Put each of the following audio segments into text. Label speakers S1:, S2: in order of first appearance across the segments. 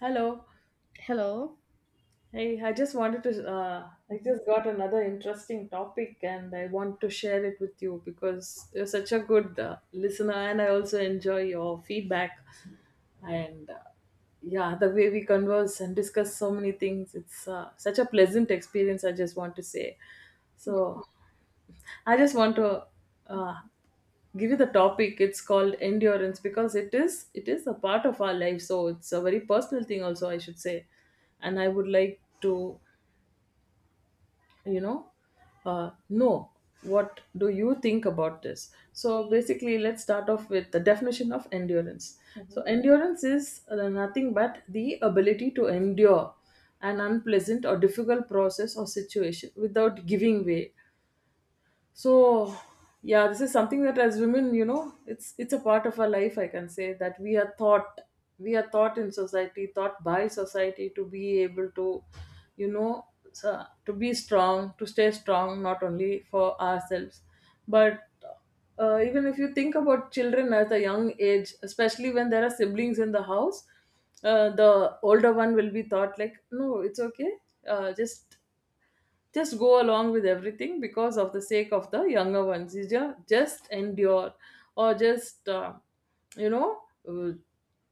S1: Hello.
S2: Hello.
S1: Hey, I just wanted to, I just got another interesting topic and I want to share it with you because you're such a good listener, and I also enjoy your feedback. And yeah, the way we converse and discuss so many things, it's such a pleasant experience, I just want to say.
S2: Yeah.
S1: So, I just want to uh, give you the topic. It's called endurance because it is a part of our life. So it's a very personal thing, also I should say. And I would like to, you know, know what do you think about this. So basically, let's start off with the definition of endurance. So
S2: mhm.
S1: endurance is nothing but the ability to endure an unpleasant or difficult process or situation without giving way. So yeah, this is something that as women, you know, it's a part of our life. I can say that we are taught, we are taught in society, taught by society, to be able to, you know to be strong, to stay strong, not only for ourselves, but even if you think about children at a young age, especially when there are siblings in the house, the older one will be thought like, no, it's okay, uh, just just go along with everything because of the sake of the younger ones. You just endure, or just you know uh,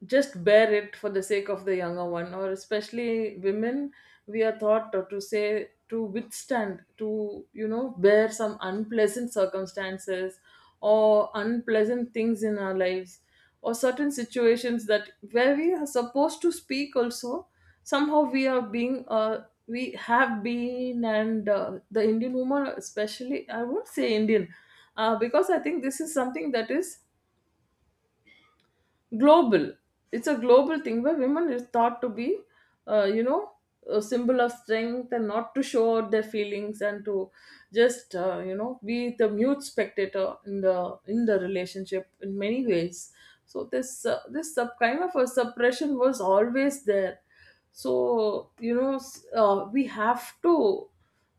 S1: just bear it for the sake of the younger one. Or especially women, we are taught to say, to withstand, to, you know, bear some unpleasant circumstances or unpleasant things in our lives, or certain situations that where we are supposed to speak also. Somehow we are being we have been, and the Indian woman especially. I won't say Indian, because I think this is something that is global. It's a global thing where women is thought to be you know, a symbol of strength, and not to show out their feelings, and to just you know, be the mute spectator in the relationship in many ways. So this this sub, kind of a suppression, was always there. So you know, we have to,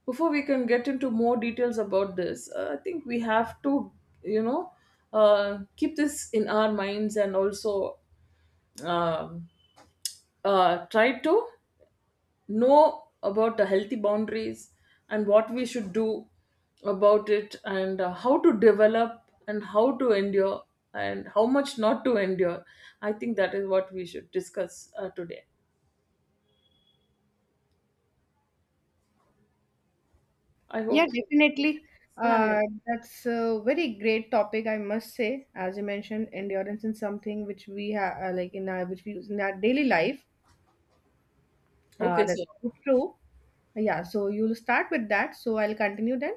S1: before we can get into more details about this, I think we have to, you know, keep this in our minds, and also um, try to know about the healthy boundaries, and what we should do about it, and how to develop, and how to endure, and how much not to endure. I think that is what we should discuss today. I
S2: Yeah,
S1: hope so.
S2: definitely.
S1: Yeah, yeah.
S2: Uh, that's a very great topic, I must say. As you mentioned, endurance is something which we have, like in our, which we use in our daily life.
S1: Okay, so.
S2: That's very true. Yeah, so you'll start with that. So I'll continue then.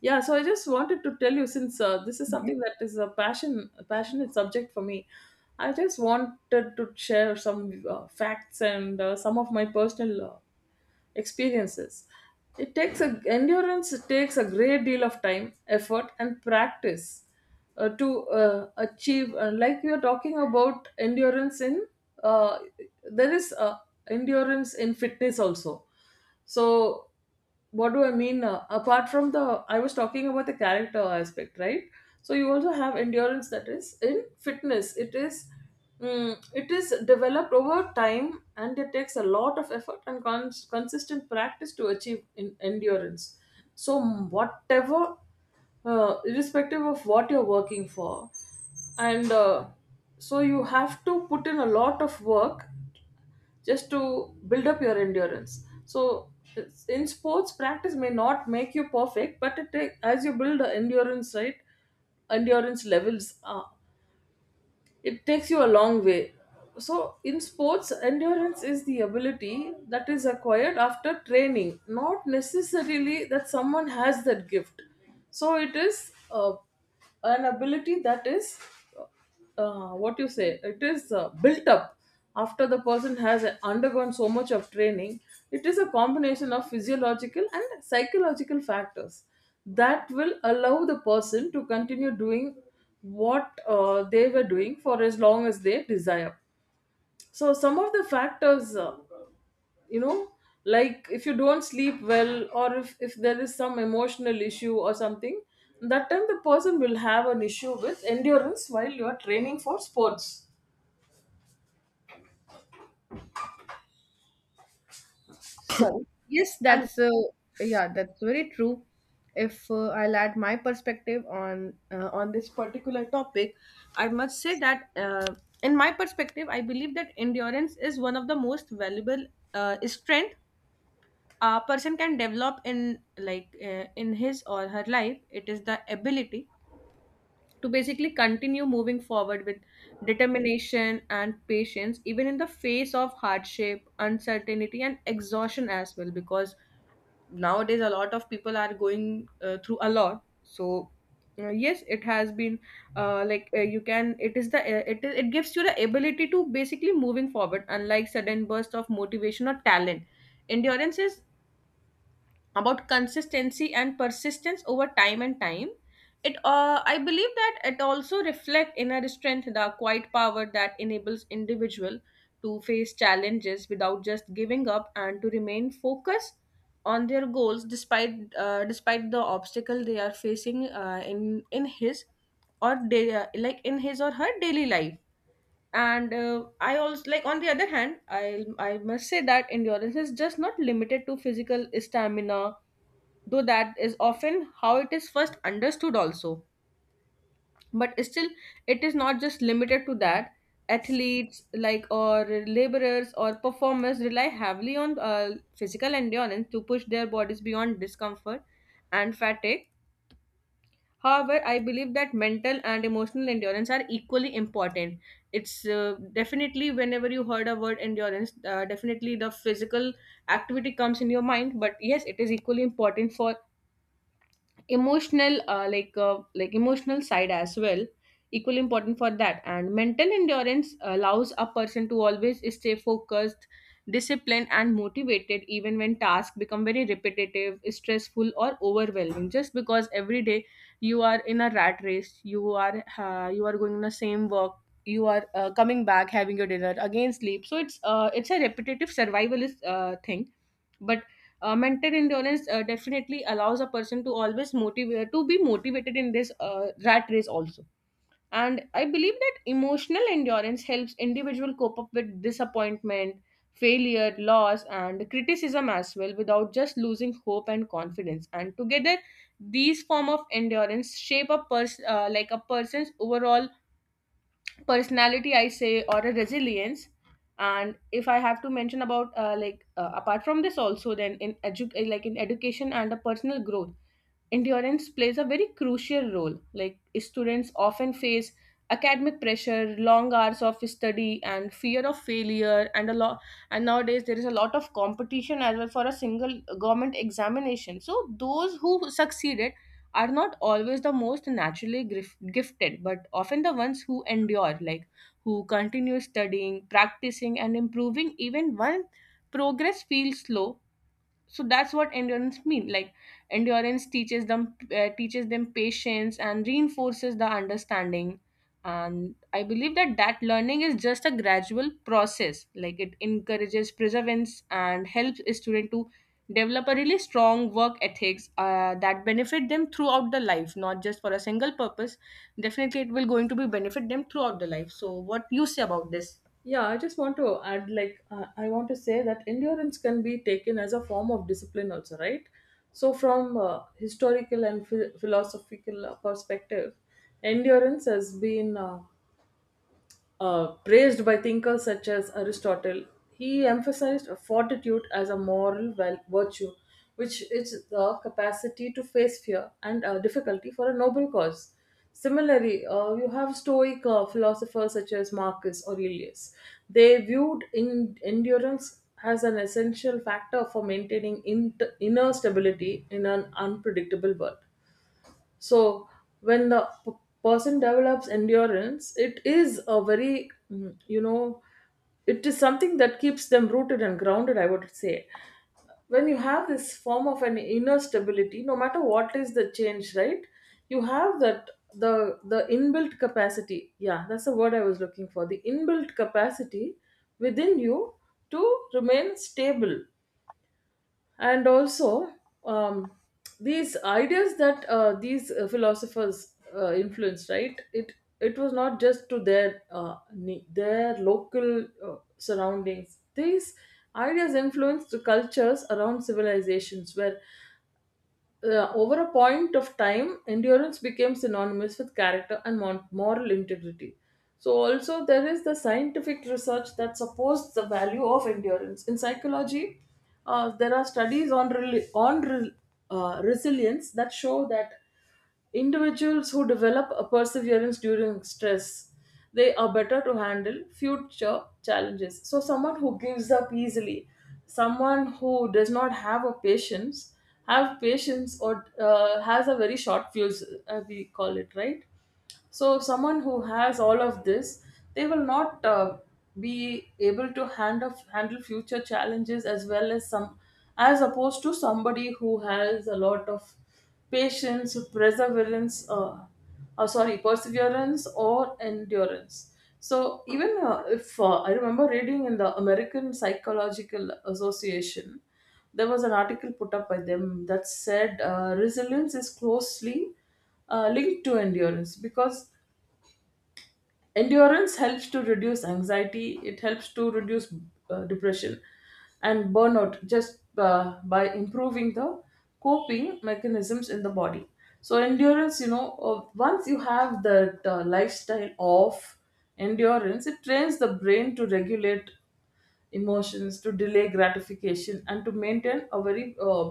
S1: Yeah, so I just wanted to tell you, since this is something that is a passion, a passionate subject for me. I just wanted to share some facts and some of my personal experiences. It takes a endurance. It takes a great deal of time, effort, and practice to achieve. Like we are talking about endurance in, uh, there is endurance in fitness also. So, what do I mean? Apart from the, I was talking about the character aspect, right? So you also have endurance that is in fitness. It is, it is developed over time, and it takes a lot of effort and consistent practice to achieve in endurance. So whatever, irrespective of what you're working for, and so you have to put in a lot of work just to build up your endurance. So it's, in sports, practice may not make you perfect, but it take, as you build a endurance, right? Endurance levels, it takes you a long way. So in sports, endurance is the ability that is acquired after training, not necessarily that someone has that gift. So it is an ability that is what you say. It is built up after the person has undergone so much of training. It is a combination of physiological and psychological factors that will allow the person to continue doing what they were doing for as long as they desire. So some of the factors, you know, like if you don't sleep well, or if there is some emotional issue or something, that time the person will have an issue with endurance while you are training for sports. Sorry.
S2: Yes,
S1: And.
S2: that's yeah, that's very true. If I'll add my perspective on this particular topic, I must say that in my perspective, I believe that endurance is one of the most valuable strength a person can develop in in his or her life. It is the ability to basically continue moving forward with determination and patience, even in the face of hardship, uncertainty, and exhaustion as well, because nowadays a lot of people are going through a lot. So yes, it has been you can, it is the it is, it gives you the ability to basically moving forward, unlike sudden burst of motivation or talent. Endurance is about consistency and persistence over time and time. It I believe that it also reflect inner strength, the quiet power that enables individual to face challenges without just giving up and to remain focused on their goals despite despite the obstacle they are facing in his or day, like in his or her daily life. And I also like, on the other hand, I must say that endurance is just not limited to physical stamina, though that is often how it is first understood also. But still it is not just limited to that. Athletes like, or laborers, or performers rely heavily on physical endurance to push their bodies beyond discomfort and fatigue. However, I believe that mental and emotional endurance are equally important. It's Definitely, whenever you heard a word endurance, definitely the physical activity comes in your mind, but yes, it is equally important for emotional, like emotional side as well, equally important for that. And mental endurance allows a person to always stay focused, disciplined, and motivated, even when tasks become very repetitive, stressful, or overwhelming, just because every day you are in a rat race. You are you are going in the same work, you are coming back, having your dinner, again sleep. So it's a repetitive, survivalist thing. But mental endurance definitely allows a person to always motivate, to be motivated in this rat race also. And I believe that emotional endurance helps individual cope up with disappointment, failure, loss, and criticism as well, without just losing hope and confidence. And together, these form of endurance shape a person, like a person's overall personality I say, or a resilience. And if I have to mention about apart from this also, then in like in education and a personal growth, endurance plays a very crucial role. Like students often face academic pressure, long hours of study, and fear of failure, and a lot. And nowadays there is a lot of competition as well for a single government examination. So those who succeeded are not always the most naturally gifted, but often the ones who endure, like who continue studying, practicing, and improving even when progress feels slow. So that's what endurance mean, like endurance teaches them, teaches them patience and reinforces the understanding. And I believe that that learning is just a gradual process, like it encourages perseverance and helps a student to develop a really strong work ethics that benefit them throughout the life, not just for a single purpose. Definitely it will going to be benefit them throughout the life. So what you say about this?
S1: Yeah, I just want to add, like, I want to say that endurance can be taken as a form of discipline, also, right? So, from historical and philosophical perspective, endurance has been praised by thinkers such as Aristotle. He emphasized fortitude as a moral virtue, which is the capacity to face fear and difficulty for a noble cause. Similarly, you have Stoic philosophers such as Marcus Aurelius. They viewed endurance as an essential factor for maintaining inner stability in an unpredictable world. So when the person develops endurance, it is a very you know, it is something that keeps them rooted and grounded, I would say. When you have this form of an inner stability, no matter what is the change, right, you have that, the inbuilt capacity. Yeah, that's the word I was looking for, the inbuilt capacity within you to remain stable. And also um, these ideas that these philosophers influenced, right, it was not just to their their local surroundings. These ideas influenced the cultures around civilizations, where over a point of time, endurance became synonymous with character and moral integrity. So, also, there is the scientific research that supports the value of endurance. In psychology, there are studies on, resilience, that show that individuals who develop a perseverance during stress, they are better to handle future challenges. So, someone who gives up easily, someone who does not have a patience, have patience, or has a very short fuse, we call it, right? So, someone who has all of this, they will not be able to handle future challenges as well as some, as opposed to somebody who has a lot of patience, perseverance, sorry, perseverance or endurance. So, even if I remember reading in the American Psychological Association, there was an article put up by them that said resilience is closely linked to endurance, because endurance helps to reduce anxiety, it helps to reduce depression and burnout, just by improving the coping mechanisms in the body. So, endurance, you know, once you have that lifestyle of endurance, it trains the brain to regulate emotions, to delay gratification, and to maintain a very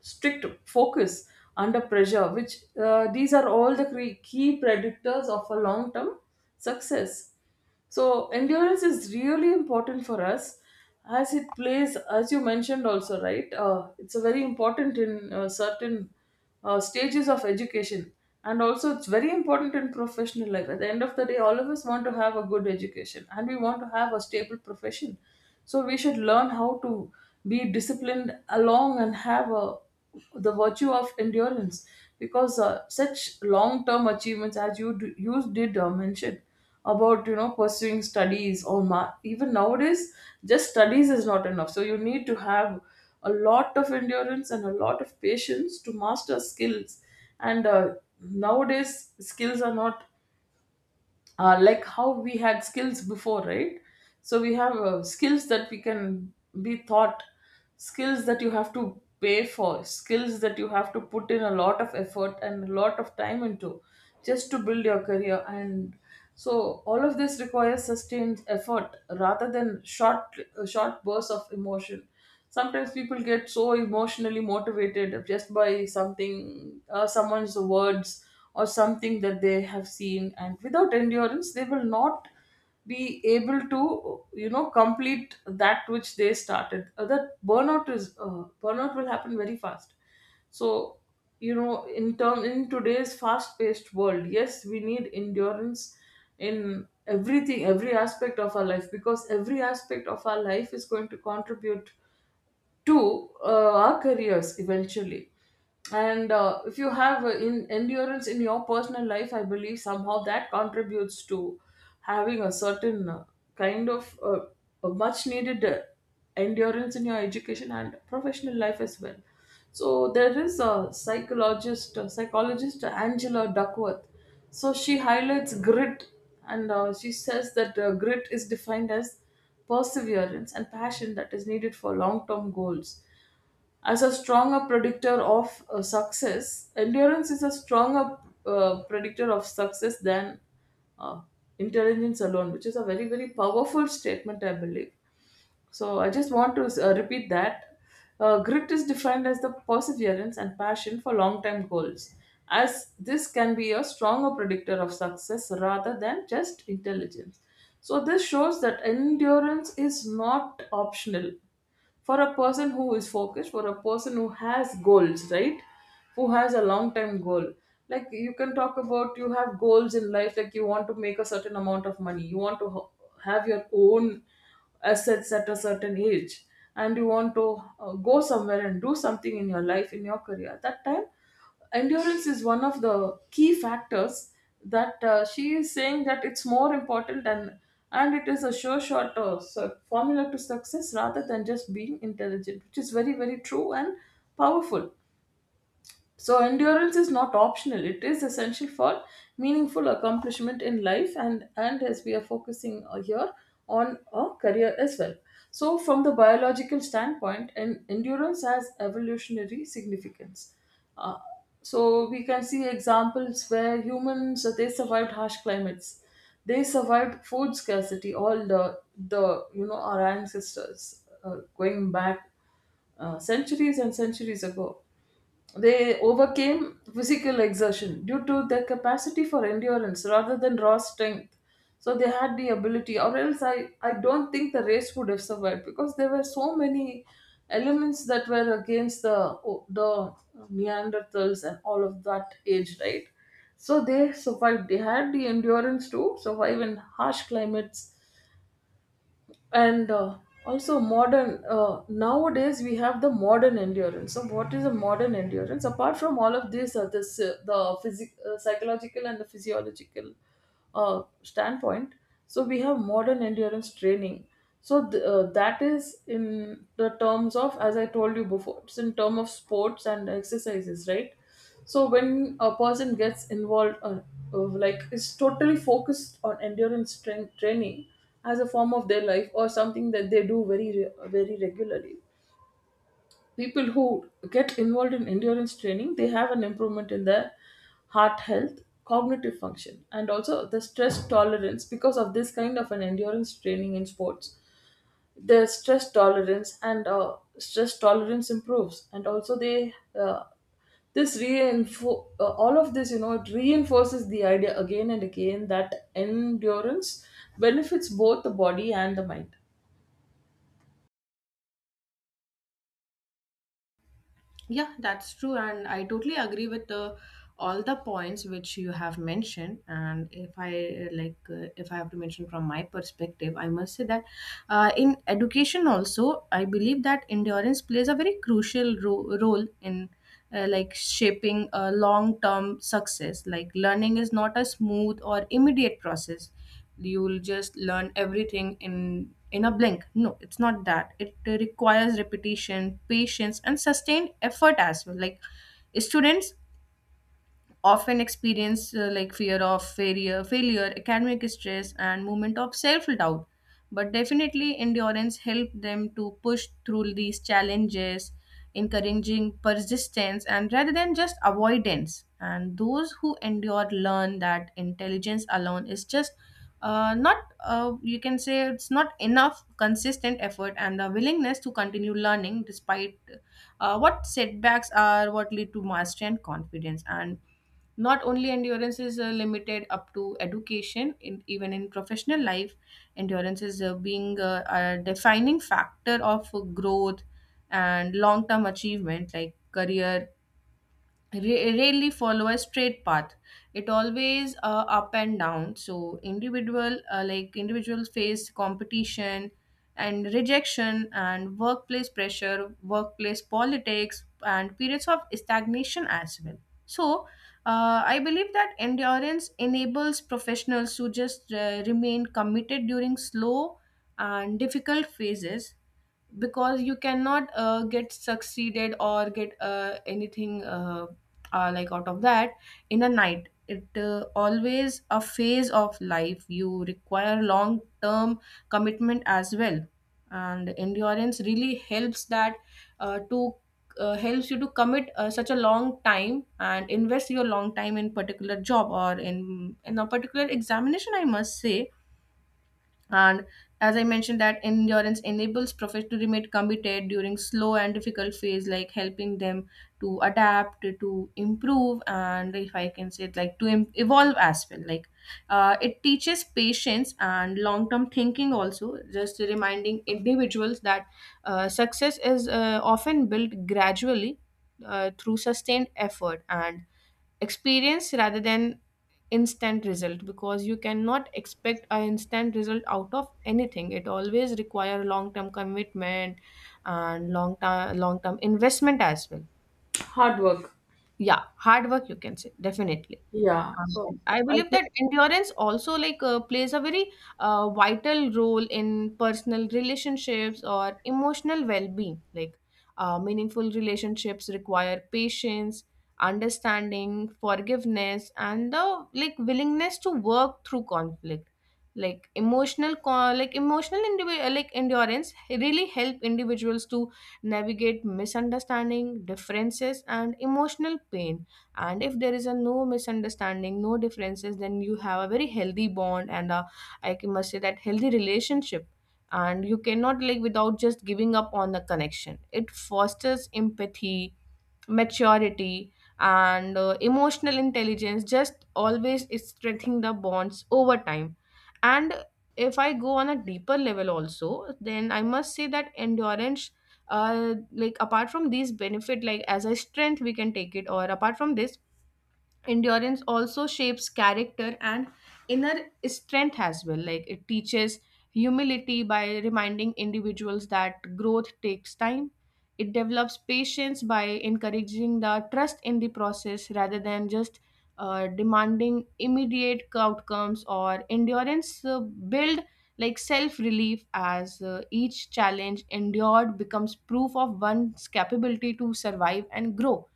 S1: strict focus under pressure, which these are all the key predictors of a long term success. So endurance is really important for us, as it plays, as you mentioned also, right, it's a very important in certain stages of education, and also it's very important in professional life. At the end of the day, all of us want to have a good education and we want to have a stable profession. So we should learn how to be disciplined along, and have a, the virtue of endurance, because such long term achievements, as you, you did mention about, you know, pursuing studies, or even nowadays just studies is not enough, so you need to have a lot of endurance and a lot of patience to master skills. And nowadays skills are not like how we had skills before, right? So we have skills that we can be taught, skills that you have to pay for, skills that you have to put in a lot of effort and a lot of time into just to build your career. And so all of this requires sustained effort rather than short bursts of emotion. Sometimes people get so emotionally motivated just by something someone's words or something that they have seen, and without endurance they will not be able to complete that which they started. That burnout will happen very fast. So in today's fast paced world, yes, we need endurance in everything, every aspect of our life, because every aspect of our life is going to contribute to our careers eventually. And if you have in endurance in your personal life, I believe somehow that contributes to having a certain kind of uh, a much needed endurance in your education and professional life as well. So there is a psychologist, Angela Duckworth. So she highlights grit, and she says that grit is defined as perseverance and passion that is needed for long term goals. As a stronger predictor of success, endurance is a stronger predictor of success than uh, intelligence alone, which is a very very powerful statement, I believe. So I just want to repeat that. Grit is defined as the perseverance and passion for long term goals, as this can be a stronger predictor of success rather than just intelligence. So this shows that endurance is not optional for a person who is focused, for a person who has goals, right? Who has a long term goal. Like, you can talk about, you have goals in life, like you want to make a certain amount of money, you want to have your own assets at a certain age, and you want to go somewhere and do something in your life, in your career. At that time, endurance is one of the key factors that she is saying that it's more important. And it is a sure shot formula to success rather than just being intelligent, which is very very true and powerful. So, endurance is not optional, it is essential for meaningful accomplishment in life, and as we are focusing here on a career as well. So, from the biological standpoint, and endurance has evolutionary significance. Uh, so, we can see examples where humans they survived harsh climates, they survived food scarcity. All the our ancestors going back centuries and centuries ago. They overcame physical exertion due to their capacity for endurance rather than raw strength. So they had the ability, or else I don't think the race would have survived, because there were so many elements that were against the Neanderthals and all of that age, right? So they survived. They had the endurance to survive in harsh climates. And uh, also modern uh, nowadays we have the modern endurance. So what is a modern endurance apart from all of this, psychological and the physiological standpoint? So we have modern endurance training. So that is in the terms of, as I told you before, it's in term of sports and exercises, right? So when a person gets involved, uh, like, is totally focused on endurance strength training as a form of their life or something that they do very regularly. People who get involved in endurance training, they have an improvement in their heart health, cognitive function, and also the stress tolerance. Because of this kind of an endurance training in sports, their stress tolerance and stress tolerance improves, and also they uh, all of this, it reinforces the idea again and again that endurance benefits both the body and the mind.
S2: Yeah, that's true, and I totally agree with the all the points which you have mentioned. And if I if I have to mention from my perspective, I must say that in education also, I believe that endurance plays a very crucial role in like shaping a long-term success. Like learning is not a smooth or immediate process. You'll just learn everything in a blink. No, it's not that. It requires repetition, patience, and sustained effort as well. Like students often experience, like fear of failure, failure, academic stress, and moment of self-doubt. But definitely, endurance helped them to push through these challenges, encouraging persistence and rather than just avoidance. And those who endure learn that intelligence alone is just not you can say it's not enough. Consistent effort and the willingness to continue learning despite what setbacks are what lead to mastery and confidence. And not only endurance is limited up to education, in even in professional life, endurance is being a defining factor of growth and long term achievement. Like career rarely follow a straight path. It always up and down. So individual, like individuals face competition and rejection and workplace pressure, workplace politics, and periods of stagnation as well. So I believe that endurance enables professionals to just remain committed during slow and difficult phases, because you cannot get succeeded or get anything like out of that in a night. It always a phase of life, you require long term commitment as well. And endurance really helps that, to helps you to commit such a long time and invest your long time in particular job or in a particular examination I must say. And as I mentioned, that endurance enables professionals to remain committed during slow and difficult phase, like helping them to adapt, to improve, and if I can say it, like to evolve as well. Like it teaches patience and long-term thinking also, just reminding individuals that success is often built gradually through sustained effort and experience rather than instant result, because you cannot expect an instant result out of anything. It always require long term commitment and long term investment as well.
S1: Hard work.
S2: Yeah, hard work, you can say, definitely.
S1: yeah so
S2: I
S1: i
S2: believe
S1: think
S2: that endurance also, plays a very vital role in personal relationships or emotional well-being. Like meaningful relationships require patience, understanding, forgiveness, and the like willingness to work through conflict. Like emotional, like emotional, like endurance really help individuals to navigate misunderstanding, differences, and emotional pain. And if there is a no misunderstanding, no differences, then you have a very healthy bond and a, I must say that healthy relationship. And you cannot like without just giving up on the connection. It fosters empathy, maturity, and emotional intelligence, just always is strengthening the bonds over time. And if I go on a deeper level also, then I must say that endurance, like apart from these benefit, like as a strength we can take it, or apart from this, endurance also shapes character and inner strength as well. Like it teaches humility by reminding individuals that growth takes time. It develops patience by encouraging the trust in the process rather than just demanding immediate outcomes. Or endurance build like self relief, as each challenge endured becomes proof of one's capability to survive and grow.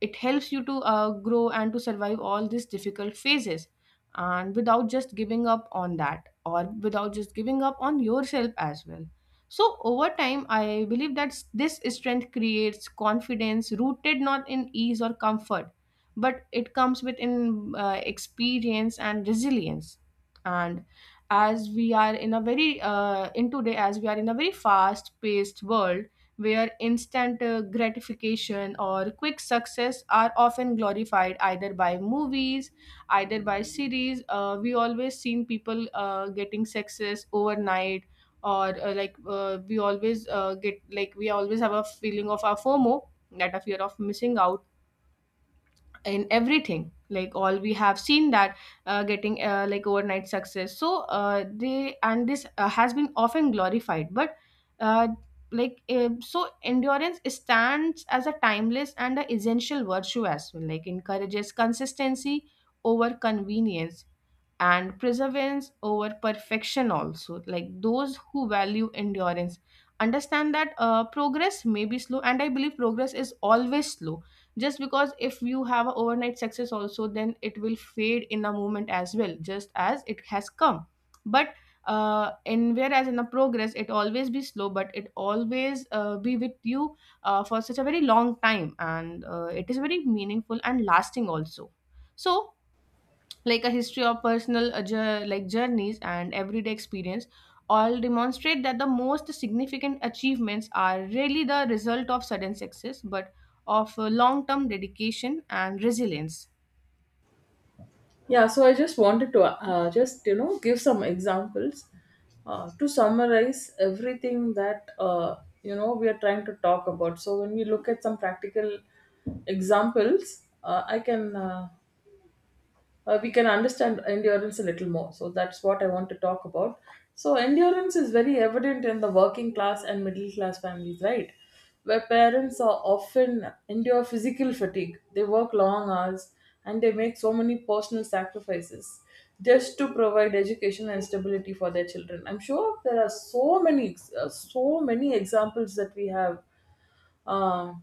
S2: It helps you to grow and to survive all these difficult phases, and without just giving up on that, or without just giving up on yourself as well. So, over time, I believe that this strength creates confidence rooted not in ease or comfort, but it comes within experience and resilience. And as we are in a very, in today, as we are in a very fast paced world, where instant gratification or quick success are often glorified, either by movies, either by series, we always seen people getting success overnight, or we always get, like we always have a feeling of our fomo, that a fear of missing out in everything. Like all we have seen that getting like overnight success. So they, and this has been often glorified. But uh, so endurance stands as a timeless and a essential virtue as well. Like encourages consistency over convenience, and perseverance over perfection also. Like those who value endurance understand that progress may be slow, and I believe progress is always slow, just because if you have a overnight success also, then it will fade in a moment as well, just as it has come. But in whereas in a progress, it always be slow, but it always be with you for such a very long time. And it is very meaningful and lasting also. So like a history of personal, like journeys and everyday experience, all demonstrate that the most significant achievements are really the result of sudden success, but of long-term dedication and resilience.
S1: Yeah, so I just wanted to just give some examples to summarize everything that we are trying to talk about. So when we look at some practical examples, I can we can understand endurance a little more. So that's what I want to talk about. So endurance is very evident in the working class and middle class families, right? Where parents are often endure physical fatigue. They work long hours and they make so many personal sacrifices just to provide education and stability for their children. I'm sure there are so many, so many examples that we have uh,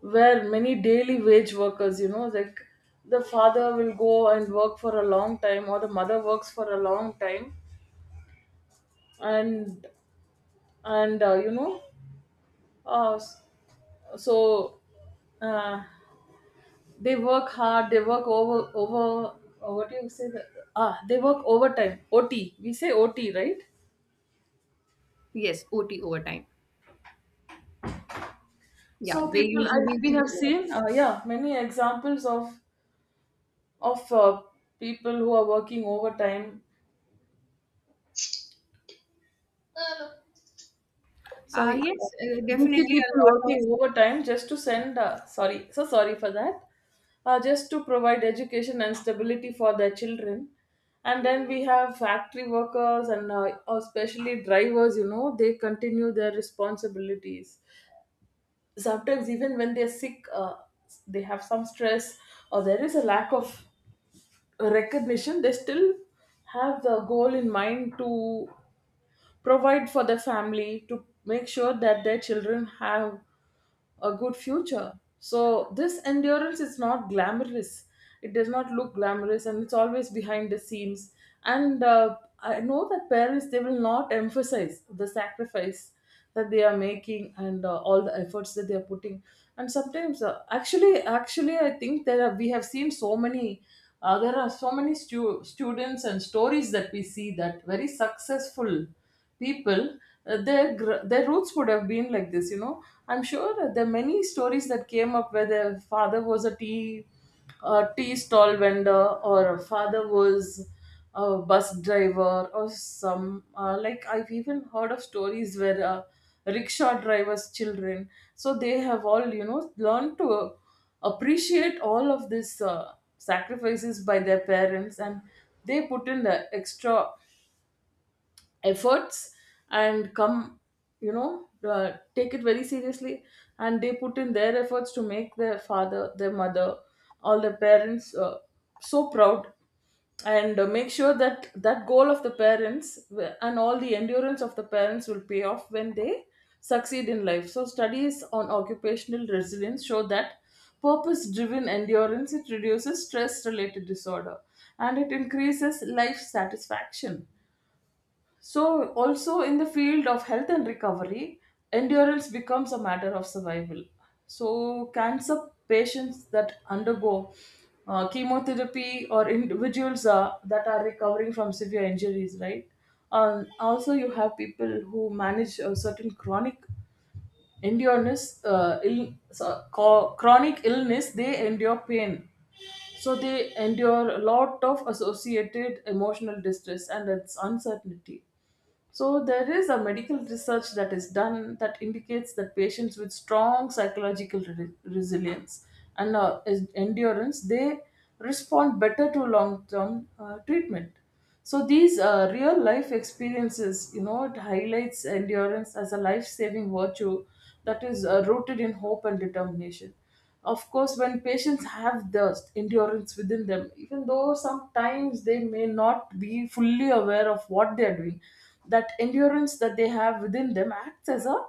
S1: where many daily wage workers, you know, like the father will go and work for a long time, or the mother works for a long time, and and you know, s- so uh, they work hard, they work over over. What do you say? Ah, they work overtime. OT. We say OT, right?
S2: Yes, OT overtime. Yeah,
S1: So
S2: they
S1: people, I,
S2: usually
S1: we
S2: do
S1: have seen,
S2: overtime.
S1: yeah, many examples of of uh, people who are working overtime. Sorry,
S2: Yes,
S1: busy
S2: definitely a
S1: people
S2: lot of.
S1: working overtime just to send sorry, so sorry for that. Just to provide education and stability for their children. And then we have factory workers and especially drivers, you know, they continue their responsibilities sometimes even when they're sick. They have some stress or there is a lack of recognition. They still have the goal in mind to provide for their family, to make sure that their children have a good future. So this endurance is not glamorous. It does not look glamorous, and it's always behind the scenes. And I know that parents, they will not emphasize the sacrifice that they are making and all the efforts that they are putting. And sometimes, actually, I think there we have seen so many. There are so many students and stories that we see that very successful people, their roots would have been like this, you know. I'm sure there are many stories that came up where their father was a tea stall vendor, or a father was a bus driver, or some like, I've even heard of stories where rickshaw drivers' children. So they have all, you know, learned to appreciate all of this, sacrifices by their parents, and they put in the extra efforts and come, take it very seriously, and they put in their efforts to make their father, their mother, all their parents so proud, and make sure that that goal of the parents, and all the endurance of the parents will pay off when they succeed in life. So studies on occupational resilience show that purpose driven endurance, it reduces stress related disorder and it increases life satisfaction. So, also in the field of health and recovery, endurance becomes a matter of survival. So, cancer patients that undergo chemotherapy, or individuals that are recovering from severe injuries, right? Also, you have people who manage a certain chronic endurance, Ill, so, co- chronic illness, they endure pain. So, they endure a lot of associated emotional distress and its uncertainty. So there is a medical research that is done that indicates that patients with strong psychological resilience and endurance, they respond better to long-term treatment. So these real-life experiences, you know, it highlights endurance as a life-saving virtue that is rooted in hope and determination. Of course, when patients have the endurance within them, even though sometimes they may not be fully aware of what they are doing, that endurance that they have within them acts as a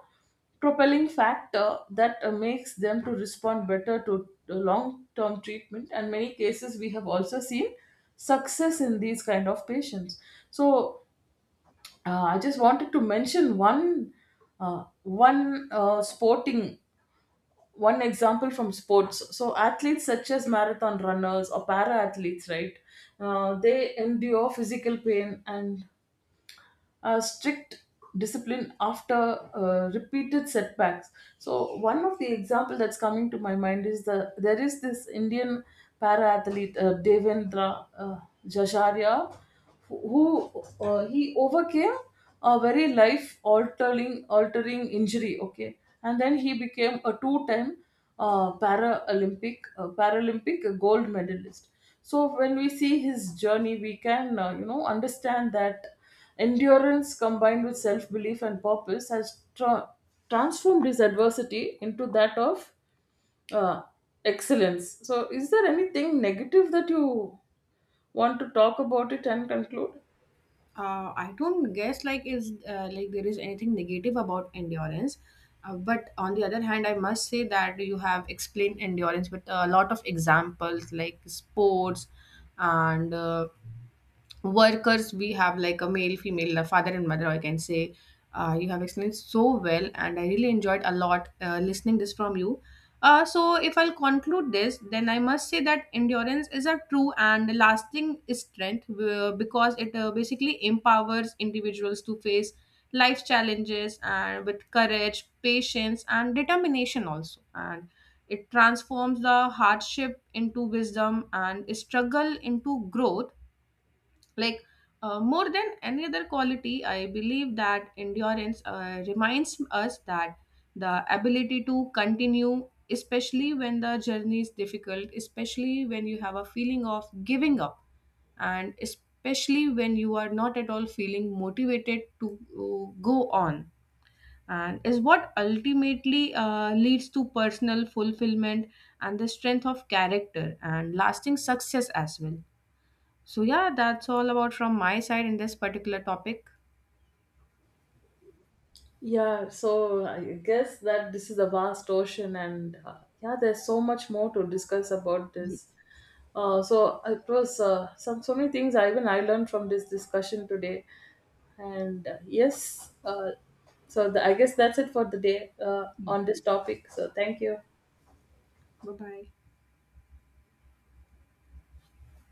S1: propelling factor that makes them to respond better to long-term treatment, and many cases we have also seen success in these kind of patients. So I just wanted to mention uh, one uh, sporting one example from sports. So athletes such as marathon runners or para athletes, right? They endure physical pain and strict discipline after repeated setbacks. So one of the example that's coming to my mind is there is this Indian para athlete, Devendra Jajaria, who he overcame a very life altering injury, okay, and then he became a two time Paralympic gold medalist. So when we see his journey, we can understand that endurance combined with self belief and purpose has transformed his adversity into that of uh, excellence. So, is there anything negative that you want to talk about it and conclude?
S2: I don't guess like is like there is anything negative about endurance, but on the other hand, I must say that you have explained endurance with a lot of examples like sports and workers. We have like a male, female, a father and mother, I can say. You have explained so well, and I really enjoyed a lot listening this from you. So, if I'll conclude this, then I must say that endurance is a true and lasting strength, because it basically empowers individuals to face life challenges and with courage, patience, and determination also. And it transforms the hardship into wisdom and struggle into growth. Like more than any other quality, I believe that endurance reminds us that the ability to continue, especially when the journey is difficult, especially when you have a feeling of giving up, and especially when you are not at all feeling motivated to go on, and is what ultimately leads to personal fulfillment and the strength of character and lasting success as well. So, yeah, that's all about from my side in this particular topic.
S1: Yeah, so I guess that this is a vast ocean, and yeah, there's so much more to discuss about this.
S2: Yes.
S1: So it was some so many things, I, even I, learned from this discussion today, and yes, so I guess that's it for the day on this topic. So thank you.
S2: Bye bye.